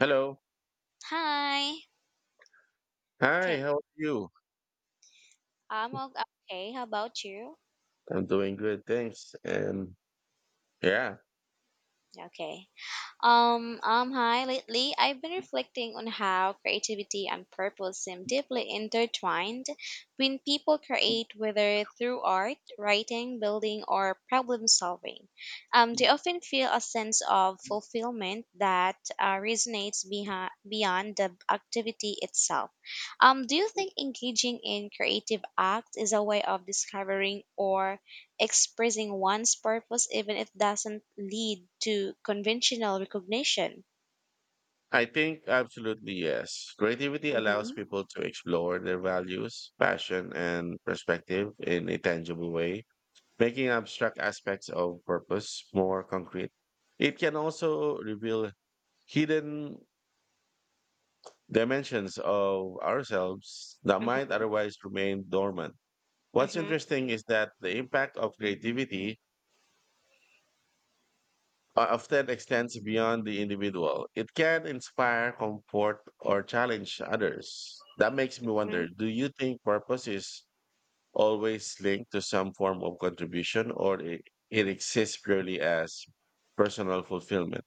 Hello. Hi. Okay. Hi, how are you? I'm o- okay. How about you? I'm doing good, thanks. And yeah, Okay. Hi. Lately, I've been reflecting on how creativity and purpose seem deeply intertwined when people create, whether through art, writing, building, or problem solving. They often feel a sense of fulfillment that beyond the activity itself. Do you think engaging in creative acts is a way of discovering or expressing one's purpose even if it doesn't lead to conventional recognition? I think absolutely yes. Creativity Mm-hmm. allows people to explore their values, passion, and perspective in a tangible way, making abstract aspects of purpose more concrete. It can also reveal hidden dimensions of ourselves that might Mm-hmm. otherwise remain dormant. What's mm-hmm, interesting is that the impact of creativity often extends beyond the individual. It can inspire, comfort, or challenge others. That makes me wonder, do you think purpose is always linked to some form of contribution, or it exists purely as personal fulfillment?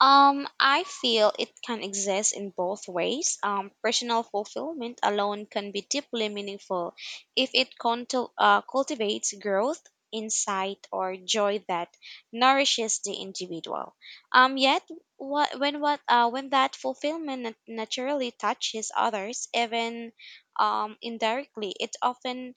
I feel it can exist in both ways. Personal fulfillment alone can be deeply meaningful if it cultivates growth, insight, or joy that nourishes the individual. Yet, what when that fulfillment naturally touches others, even indirectly, it often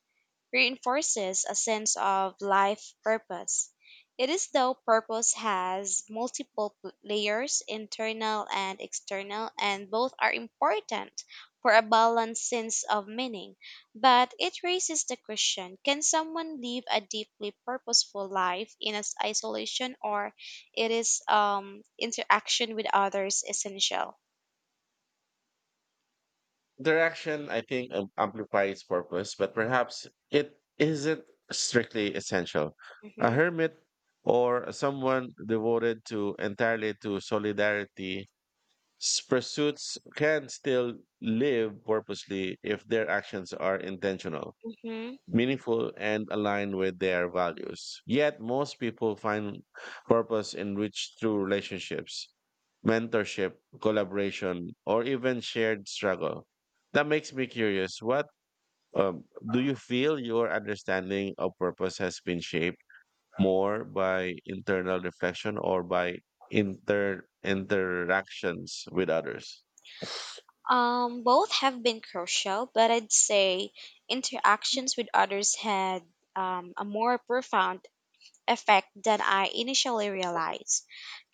reinforces a sense of life purpose. It is though purpose has multiple layers, internal and external, and both are important for a balanced sense of meaning. But it raises the question, can someone live a deeply purposeful life in as isolation, or it is interaction with others essential? Interaction, I think, amplifies purpose, but perhaps it isn't strictly essential. A Hmm. hermit or someone devoted to entirely to solidarity pursuits can still live purposely if their actions are intentional, meaningful, and aligned with their values. Yet, most people find purpose in rich through relationships, mentorship, collaboration, or even shared struggle. That makes me curious. What do you feel your understanding of purpose has been shaped? More by internal reflection or by interactions with others? Both have been crucial, but I'd say interactions with others had a more profound effect than I initially realized.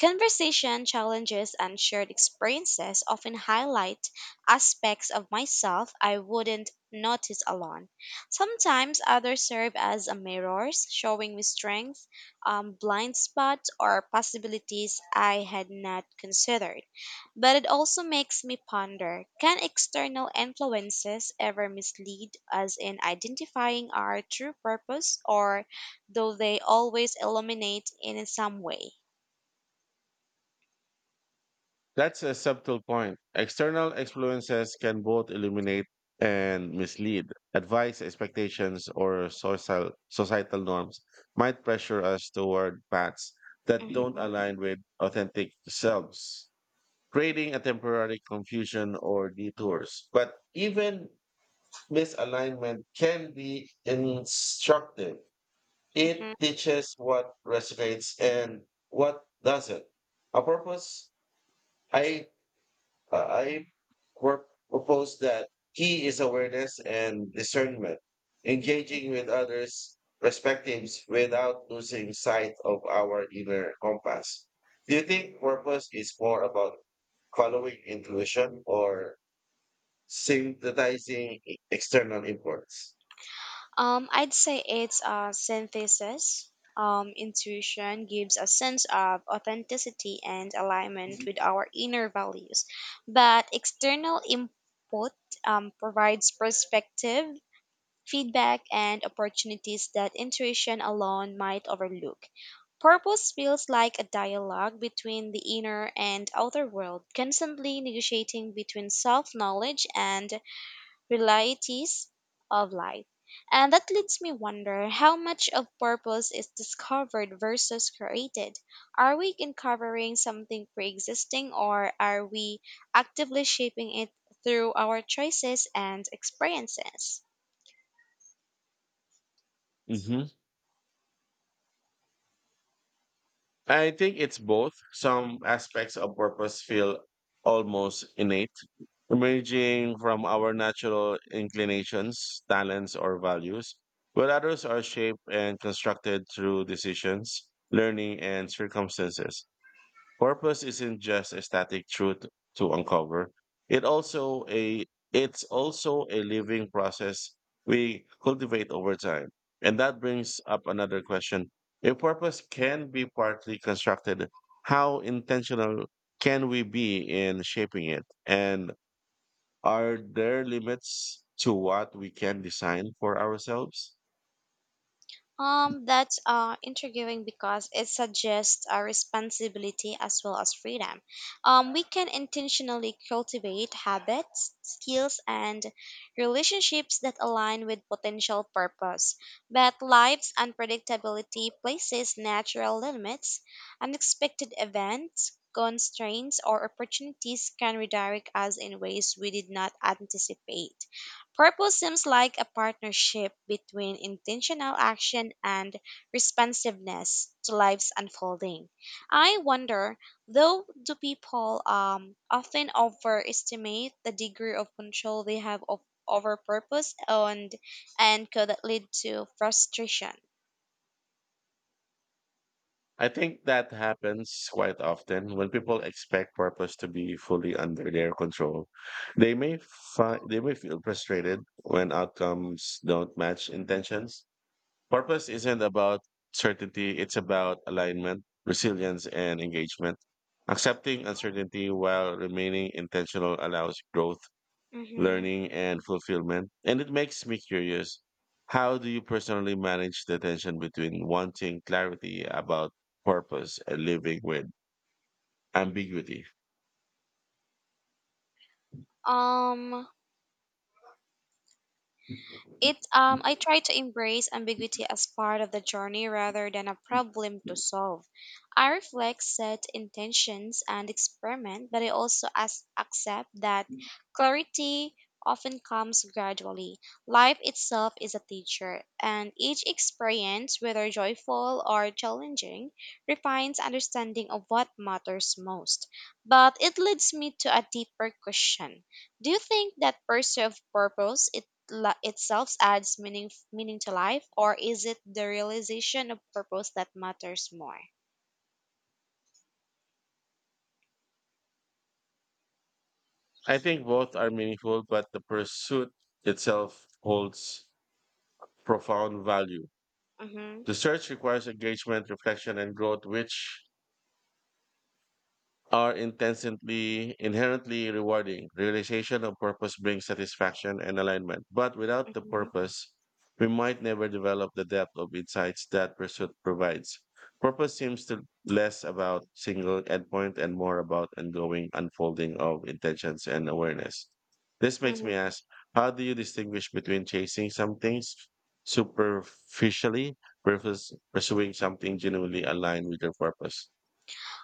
Conversation, challenges, and shared experiences often highlight aspects of myself I wouldn't notice alone. Sometimes others serve as a mirrors, showing me strengths, blind spots, or possibilities I had not considered. But it also makes me ponder, can external influences ever mislead us in identifying our true purpose, or though they always illuminate in some way? That's a subtle point. External influences can both illuminate and mislead. Advice, expectations, or social, societal norms might pressure us toward paths that don't Mhm. align with authentic selves, creating a temporary confusion or detours. But even misalignment can be instructive. It mhm. teaches what resonates and what doesn't. A purpose I I work, propose that key is awareness and discernment, engaging with others' perspectives without losing sight of our inner compass. Do you think purpose is more about following intuition or synthesizing external imports? I'd say it's a synthesis. Intuition gives a sense of authenticity and alignment with our inner values, but external input provides perspective feedback, and opportunities that intuition alone might overlook. Purpose feels like a dialogue between the inner and outer world, constantly negotiating between self knowledge and realities of life. And that leads me wonder how much of purpose is discovered versus created. Are we uncovering something pre-existing, or are we actively shaping it through our choices and experiences? Mhm. I think it's both. Some aspects of purpose feel almost innate, emerging from our natural inclinations, talents, or values, while others are shaped and constructed through decisions, learning, and circumstances. Purpose isn't just a static truth to uncover. It also a it's also a living process we cultivate over time. And that brings up another question. If purpose can be partly constructed, how intentional can we be in shaping it? And are there limits to what we can design for ourselves? That's intriguing because it suggests a responsibility as well as freedom. We can intentionally cultivate habits, skills, and relationships that align with potential purpose. But life's unpredictability places natural limits, unexpected events, constraints, or opportunities can redirect us in ways we did not anticipate. Purpose seems like a partnership between intentional action and responsiveness to life's unfolding. I wonder, though, do people often overestimate the degree of control they have over purpose, and could that lead to frustration? I think that happens quite often when people expect purpose to be fully under their control. They may feel frustrated when outcomes don't match intentions. Purpose isn't about certainty, it's about alignment, resilience, and engagement. Accepting uncertainty while remaining intentional allows growth, Hmm. learning, and fulfillment. And it makes me curious, how do you personally manage the tension between wanting clarity about purpose and living with ambiguity? Um, It I try to embrace ambiguity as part of the journey rather than a problem to solve. I reflect set intentions and experiment, but I also accept that clarity often comes gradually. Life itself is a teacher, and each experience, whether joyful or challenging, refines understanding of what matters most. But it leads me to a deeper question. Do you think that pursuit of purpose it itself adds meaning to life, or is it the realization of purpose that matters more? I think both are meaningful, but the pursuit itself holds profound value. Mm-hmm. The search requires engagement, reflection, and growth, which are intensely inherently rewarding. Realization of purpose brings satisfaction and alignment, but without the purpose, we might never develop the depth of insights that pursuit provides. Purpose seems to less about single endpoint and more about ongoing unfolding of intentions and awareness. This makes me Hmm. ask, how do you distinguish between chasing something superficially versus pursuing something genuinely aligned with your purpose?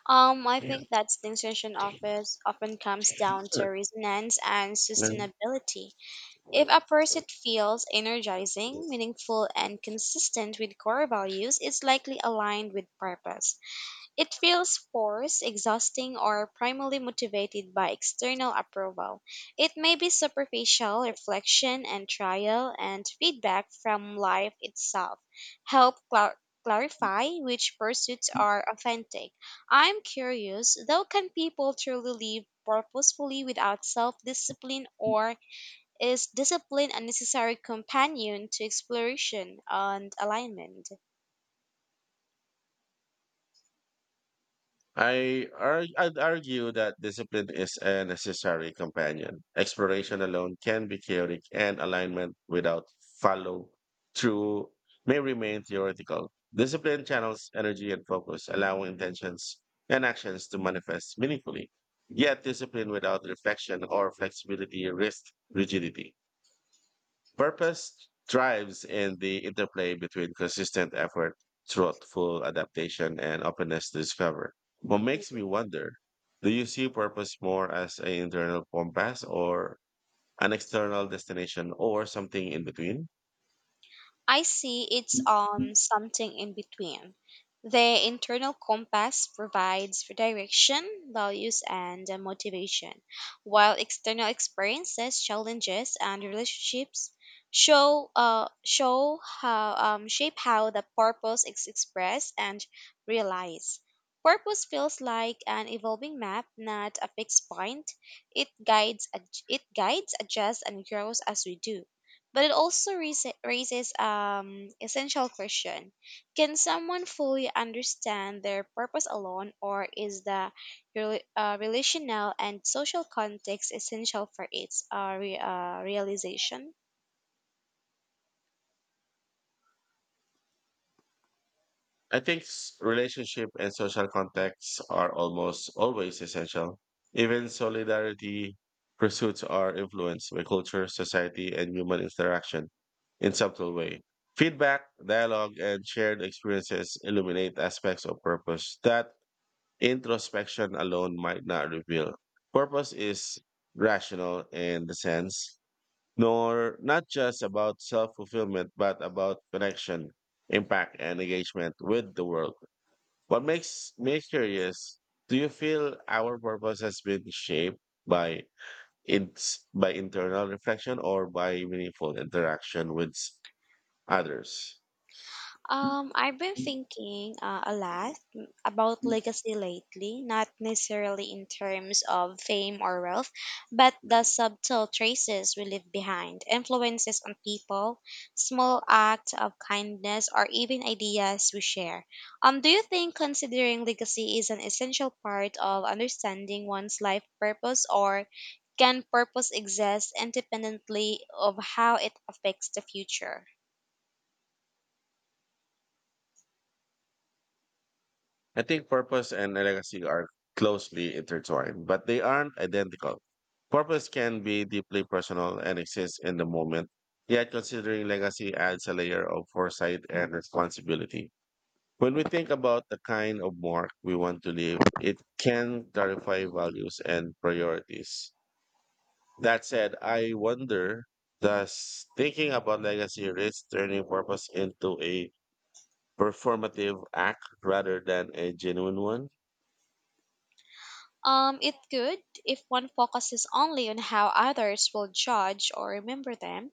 I Yeah. think that distinction office often comes down to resonance and Mm. sustainability. If a pursuit feels energizing, meaningful, and consistent with core values, it's likely aligned with purpose. It feels forced, exhausting, or primarily motivated by external approval. It may be superficial reflection and trial and feedback from life itself. Help clar- clarify which pursuits are authentic. I'm curious, though, can people truly live purposefully without self discipline, or is discipline a necessary companion to exploration and alignment? I'd argue that discipline is a necessary companion. Exploration alone can be chaotic, and alignment without follow through may remain theoretical. Discipline channels energy and focus, allowing intentions and actions to manifest meaningfully. Yet, discipline without reflection or flexibility risks rigidity. Purpose thrives in the interplay between consistent effort, thoughtful adaptation, and openness to discover. What makes me wonder, do you see purpose more as an internal compass or an external destination or something in between? I see it's something in between. The internal compass provides for direction, values, and motivation, while external experiences, challenges, and relationships show show how shape how the purpose is expressed and realized. Purpose feels like an evolving map, not a fixed point. It guides, adjusts, and grows as we do, but it also raises essential question. Can someone fully understand their purpose alone, or is the relational and social context essential for its realization? Relationship and social contacts are almost always essential. Even solidarity pursuits are influenced by culture, society, and human interaction in subtle way. Feedback, dialogue, and shared experiences illuminate aspects of purpose that introspection alone might not reveal. Purpose is rational in the sense, nor not just about self-fulfillment, but about connection, impact, and engagement with the world. What makes me curious, do you feel our purpose has been shaped by by internal reflection or by meaningful interaction with others? I've been thinking a lot about legacy lately, not necessarily in terms of fame or wealth, but the subtle traces we leave behind, influences on people, small acts of kindness, or even ideas we share. Do you think considering legacy is an essential part of understanding one's life purpose, or can purpose exist independently of how it affects the future? I think purpose and legacy are closely intertwined, but they aren't identical. Purpose can be deeply personal and exists in the moment, yet considering legacy adds a layer of foresight and responsibility. When we think about the kind of mark we want to leave, it can clarify values and priorities. That said, I wonder, does thinking about legacy risk turning purpose into a performative act rather than a genuine one? It could if one focuses only on how others will judge or remember them,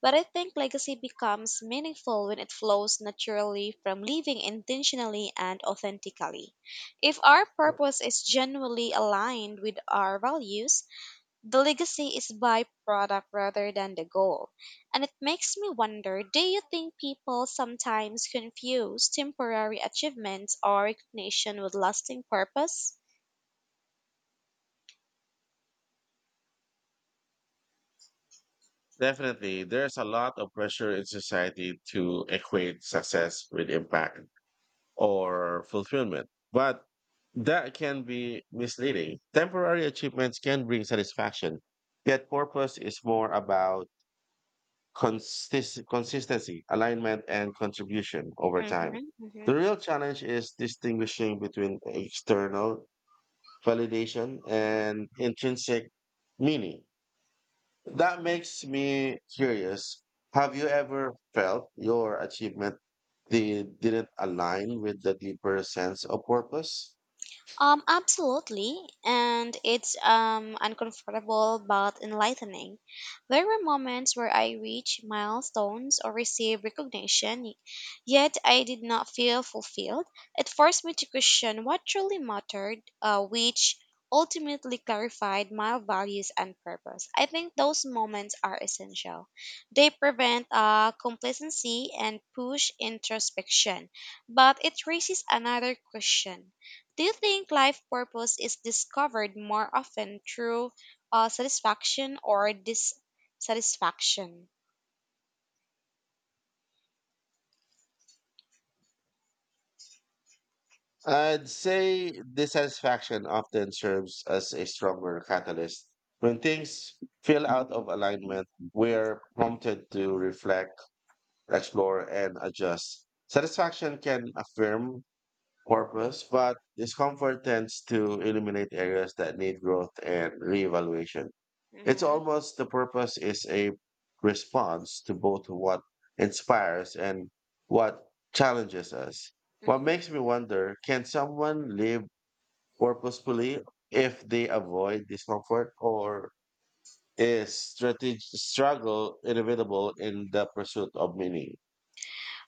but I think legacy becomes meaningful when it flows naturally from living intentionally and authentically. If our purpose is genuinely aligned with our values, the legacy is byproduct rather than the goal. And it makes me wonder, do you think people sometimes confuse temporary achievements or recognition with lasting purpose? Definitely, there's a lot of pressure in society to equate success with impact or fulfillment. But that can be misleading. Temporary achievements can bring satisfaction, yet purpose is more about consistency, alignment, and contribution over time. Mm-hmm, The mm-hmm. real challenge is distinguishing between external validation and intrinsic meaning. That makes me curious. Have you ever felt your achievement they didn't align with the deeper sense of purpose? Absolutely, and it's uncomfortable but enlightening. There were moments where I reached milestones or received recognition, yet I did not feel fulfilled. It forced me to question what truly mattered, which ultimately clarified my values and purpose. I think those moments are essential. They prevent complacency and push introspection, but it raises another question, do you think life purpose is discovered more often through satisfaction or dissatisfaction? I'd say dissatisfaction often serves as a stronger catalyst. When things feel out of alignment, we're prompted to reflect, explore, and adjust. Satisfaction can affirm purpose, but discomfort tends to eliminate areas that need growth and reevaluation. It's Mm-hmm. almost the purpose is a response to both what inspires and what challenges us. What Mm-hmm. makes me wonder, can someone live purposefully if they avoid discomfort, or is strategic struggle inevitable in the pursuit of meaning?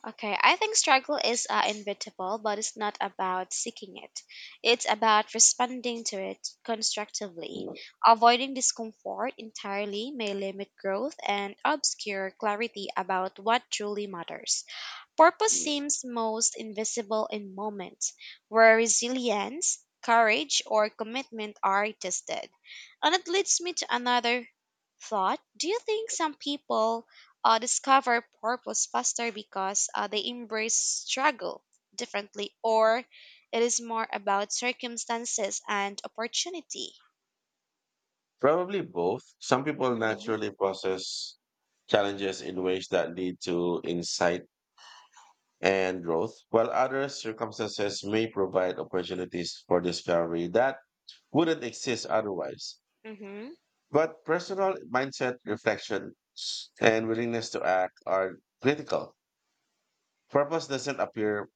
Okay, I think struggle is inevitable, but it's not about seeking it. It's about responding to it constructively. Avoiding discomfort entirely may limit growth and obscure clarity about what truly matters. Purpose seems most invisible in moments where resilience, courage, or commitment are tested. And it leads me to another thought. Do you think some people discover purpose faster because they embrace struggle differently, or it is more about circumstances and opportunity? Probably both. Some people Mm-hmm. naturally process challenges in ways that lead to insight and growth, while other circumstances may provide opportunities for discovery that wouldn't exist otherwise. But personal mindset, reflection, and willingness to act are critical. Purpose doesn't appear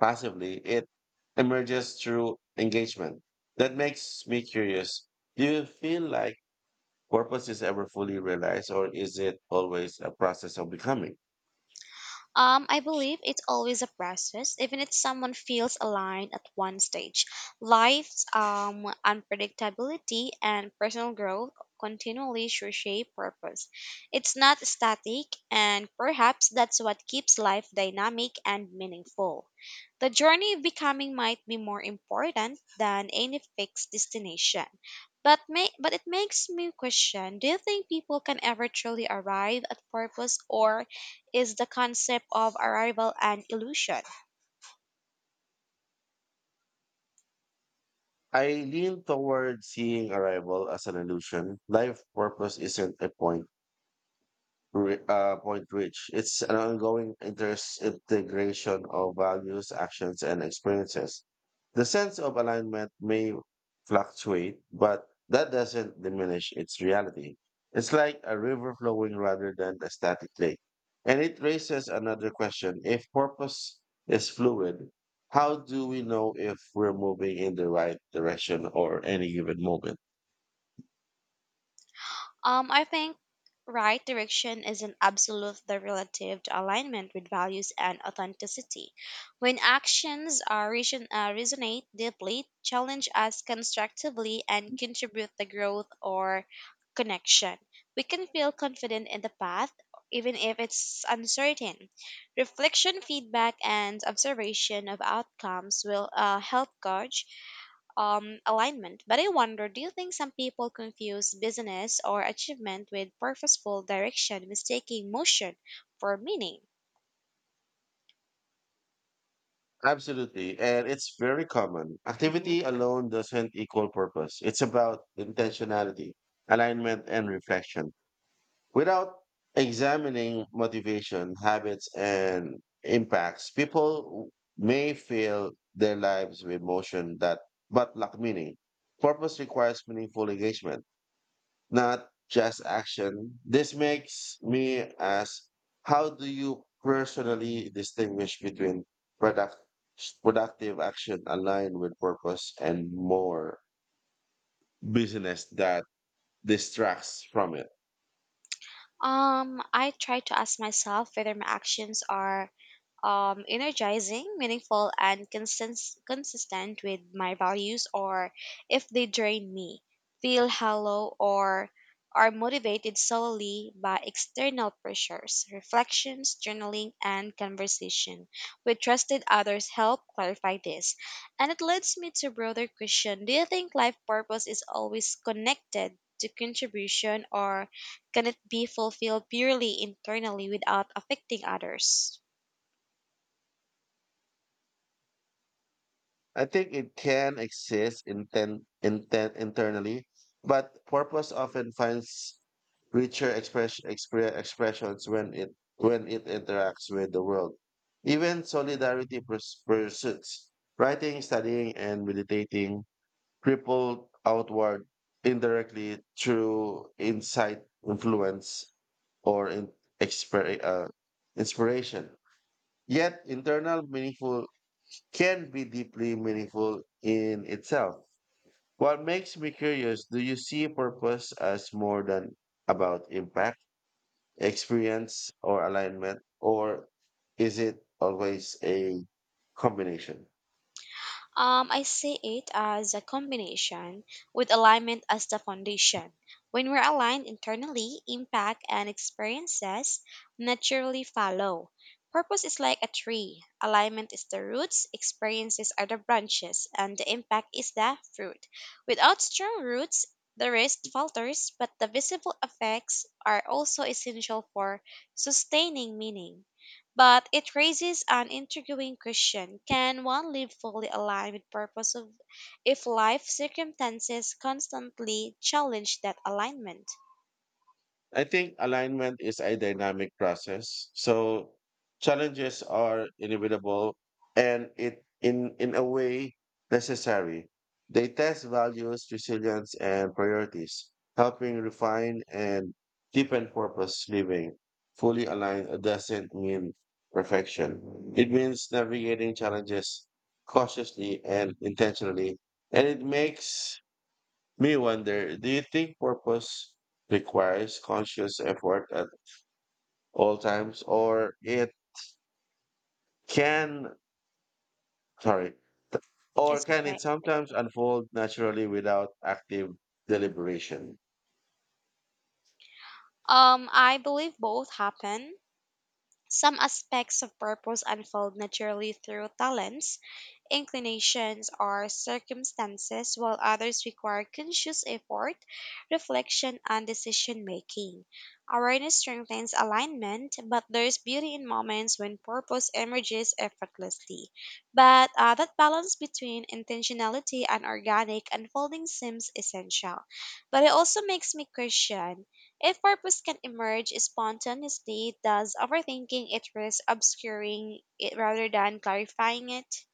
passively, it emerges through engagement. That makes me curious. Do you feel like purpose is ever fully realized, or is it always a process of becoming? I believe it's always a process, even if someone feels aligned at one stage. Life's unpredictability and personal growth continually reshape purpose. It's not static, and perhaps that's what keeps life dynamic and meaningful. The journey of becoming might be more important than any fixed destination. But it makes me question, do you think people can ever truly arrive at purpose, or is the concept of arrival and illusion? I lean toward seeing arrival as an illusion. Life purpose isn't a point, Re- point reach. It's an ongoing integration of values, actions, and experiences. The sense of alignment may fluctuate, but that doesn't diminish its reality. It's like a river flowing rather than a static lake. And it raises another question. If purpose is fluid, how do we know if we're moving in the right direction or any given moment? I think right direction is an absolute the relative to alignment with values and authenticity. When actions are resonate deeply, challenge us constructively, and contribute the growth or connection, we can feel confident in the path even if it's uncertain. Reflection, feedback, and observation of outcomes will help gauge alignment. But I wonder, do you think some people confuse business or achievement with purposeful direction, mistaking motion for meaning? Absolutely. And it's very common. Mhm. Activity alone doesn't equal purpose. It's about intentionality, alignment, and reflection. Without examining motivation, habits, and impacts, people may fill their lives with motion that but lack meaning. Purpose requires meaningful engagement not just action. This makes me ask, how do you personally distinguish between product, productive action aligned with purpose and more business that distracts from it? I try to ask myself whether my actions are energizing, meaningful, and consistent with my values, or if they drain me, feel hollow, or are motivated solely by external pressures. Reflections, journaling, and conversation with trusted others help clarify this. And it leads me to broader question, do you think life purpose is always connected to contribution, or can it be fulfilled purely internally without affecting others? I think it can exist intent, intent internally, but purpose often finds richer expressions when it interacts with the world. Even solidarity pursuits, writing, studying, and meditating ripple outward indirectly through insight, influence, or exper- uh, inspiration. Yet, internal meaningful can be deeply meaningful in itself. What makes me curious, do you see purpose as more than about impact, experience, or alignment, or is it always a combination? I see it as a combination with alignment as the foundation. When we're aligned internally, impact and experiences naturally follow. Purpose is like a tree. Alignment is the roots, experiences are the branches, and the impact is the fruit. Without strong roots, the rest falters, but the visible effects are also essential for sustaining meaning. But it raises an intriguing question. Can one live fully aligned with purpose of if life circumstances constantly challenge that alignment? I think alignment is a dynamic process. So challenges are inevitable and it in a way necessary. They test values, resilience and priorities, helping refine and deepen purpose living. Fully aligned doesn't mean perfection. It means navigating challenges cautiously and intentionally. And it makes me wonder, do you think purpose requires conscious effort at all times, can, sorry, or It's can okay. it sometimes unfold naturally without active deliberation? I believe both happen. Some aspects of purpose unfold naturally through talents, inclinations, or circumstances, while others require conscious effort, reflection, and decision making. Awareness strengthens alignment, but there's beauty in moments when purpose emerges effortlessly. But that balance between intentionality and organic unfolding seems essential. But it also makes me question, if purpose can emerge spontaneously, does overthinking it risk obscuring it rather than clarifying it?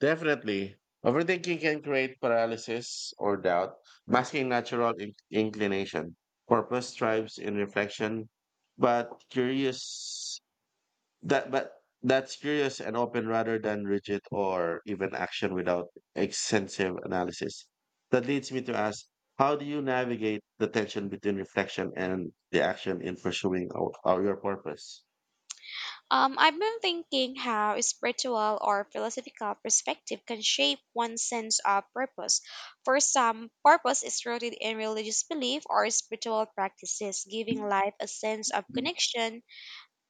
Definitely. Overthinking can create paralysis or doubt, masking natural inclination. Purpose thrives in reflection, but curious That but that's curious and open rather than rigid or even action without extensive analysis. That leads me to ask, how do you navigate the tension between reflection and the action in pursuing your purpose? I've been thinking how spiritual or philosophical perspective can shape one's sense of purpose. For some, purpose is rooted in religious belief or spiritual practices, giving life a sense of connection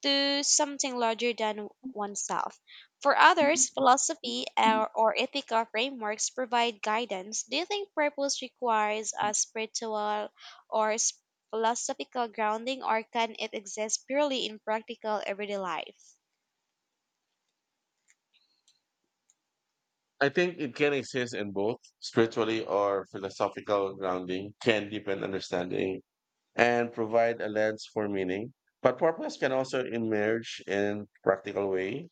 to something larger than oneself. For others, philosophy or ethical frameworks provide guidance. Do you think purpose requires a spiritual or philosophical grounding, or can it exist purely in practical everyday life? I think it can exist in both spiritually or philosophical grounding can deepen understanding and provide a lens for meaning. But purpose can also emerge in practical ways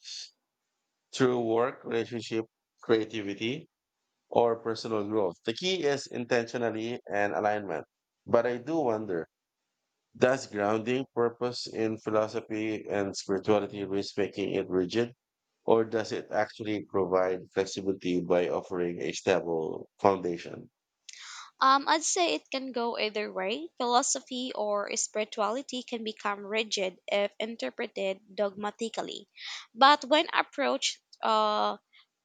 through work, relationship, creativity, or personal growth. The key is intentionally and alignment. But I do wonder, does grounding purpose in philosophy and spirituality risk making it rigid? Or does it actually provide flexibility by offering a stable foundation? I'd say it can go either way. Philosophy or spirituality can become rigid if interpreted dogmatically. But when approached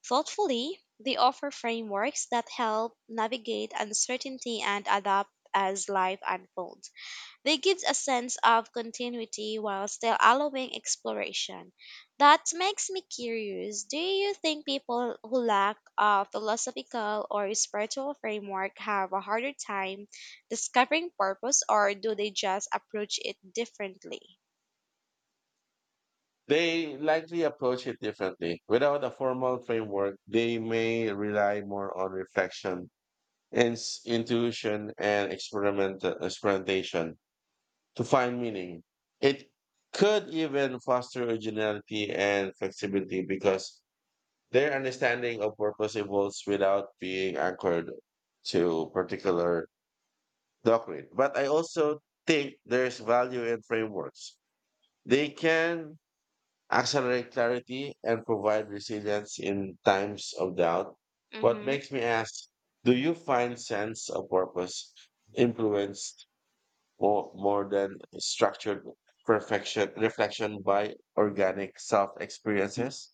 thoughtfully, they offer frameworks that help navigate uncertainty and adapt as life unfolds. They give a sense of continuity while still allowing exploration. That makes me curious. Do you think people who lack a philosophical or spiritual framework have a harder time discovering purpose, or do they just approach it differently? They likely approach it differently. Without a formal framework, they may rely more on reflection, intuition, and experimentation to find meaning. It could even foster originality and flexibility because their understanding of purpose evolves without being anchored to particular doctrine. But I also think there's value in frameworks. They can accelerate clarity, and provide resilience in times of doubt. What Mm-hmm. makes me ask, do you find sense of purpose influenced more than structured perfection reflection by organic self experiences?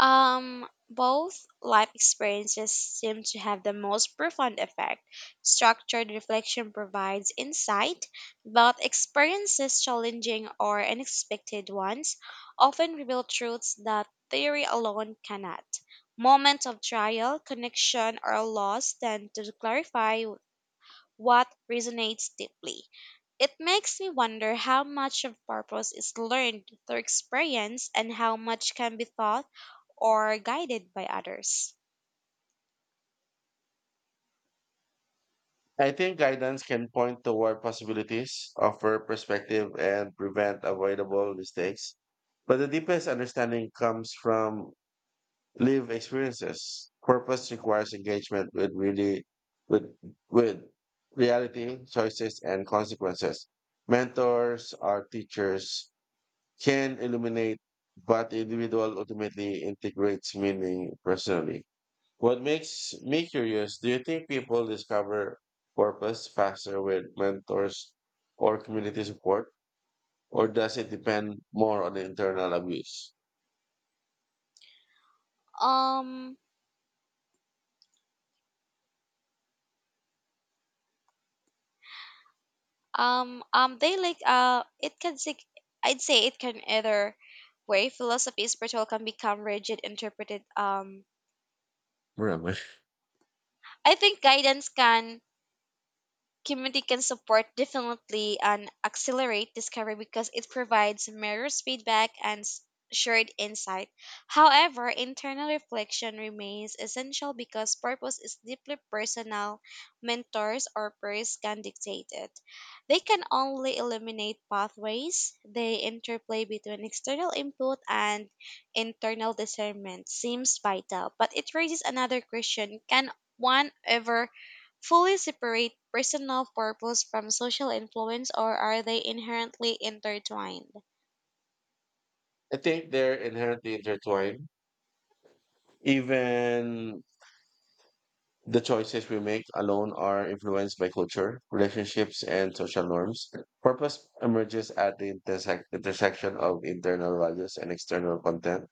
Both life experiences seem to have the most profound effect. Structured reflection provides insight, but experiences, challenging or unexpected ones, often reveal truths that theory alone cannot. Moments of trial, connection, or loss tend to clarify what resonates deeply. It makes me wonder how much of purpose is learned through experience and how much can be taught or guided by others. I think guidance can point toward possibilities, offer perspective, and prevent avoidable mistakes. But the deepest understanding comes from live experiences. Purpose requires engagement with really with with reality, choices, and consequences. Mentors or teachers can illuminate, but the individual ultimately integrates meaning personally. What makes me curious, do you think people discover purpose faster with mentors or community support? Or does it depend more on internal abuse? Um, they like it can sig- I'd say it can either way. Philosophy, spiritual can become rigid, interpreted. Where am I? I think guidance can community can support definitely and accelerate discovery because it provides mirrors feedback and shared insight. However, internal reflection remains essential because purpose is deeply personal. Mentors or peers can dictate it. They can only eliminate pathways. They interplay between external input and internal discernment seems vital, but it raises another question. Can one ever fully separate personal purpose from social influence, or are they inherently intertwined? I think they're inherently intertwined. Even the choices we make alone are influenced by culture, relationships, and social norms. Purpose emerges at the intersection of internal values and external content.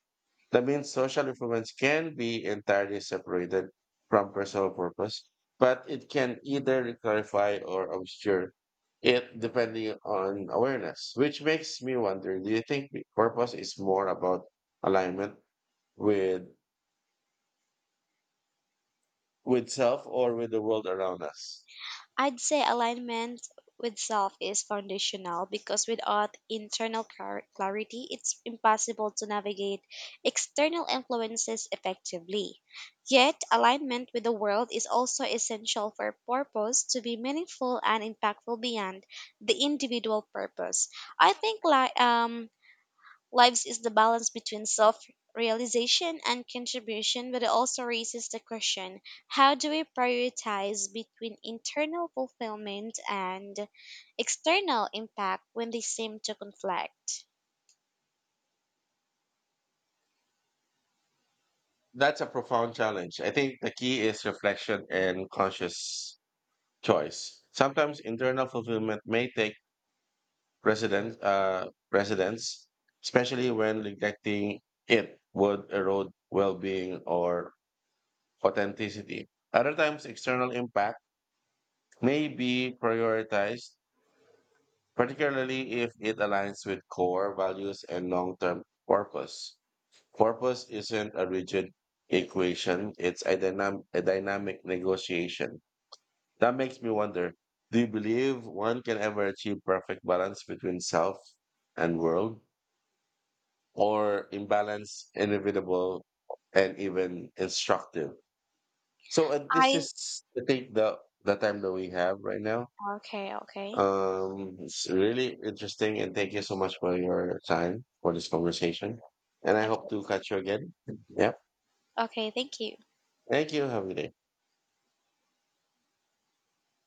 That means social influence can be entirely separated from personal purpose, but it can either clarify or obscure it depending on awareness, which makes me wonder, do you think purpose is more about alignment with? with self or with the world around us? I'd say alignment with self is foundational because without internal clarity, it's impossible to navigate external influences effectively. Yet, alignment with the world is also essential for purpose to be meaningful and impactful beyond the individual purpose. I think Lives is the balance between self realization and contribution, but it also raises the question, how do we prioritize between internal fulfillment and external impact when they seem to conflict? That's a profound challenge. I think the key is reflection and conscious choice. Sometimes internal fulfillment may take precedence, especially when neglecting it would erode well-being or authenticity. Other times, external impact may be prioritized, particularly if it aligns with core values and long-term purpose. Purpose isn't a rigid equation, it's a dynamic negotiation. That makes me wonder, do you believe one can ever achieve perfect balance between self and world, or imbalance inevitable and even instructive? So, this I is, I think, the time that we have right now. okay, It's really interesting, and thank you so much for your time for this conversation. And I hope okay, to catch you again. Yeah. okay, thank you. Thank you. Have a good day.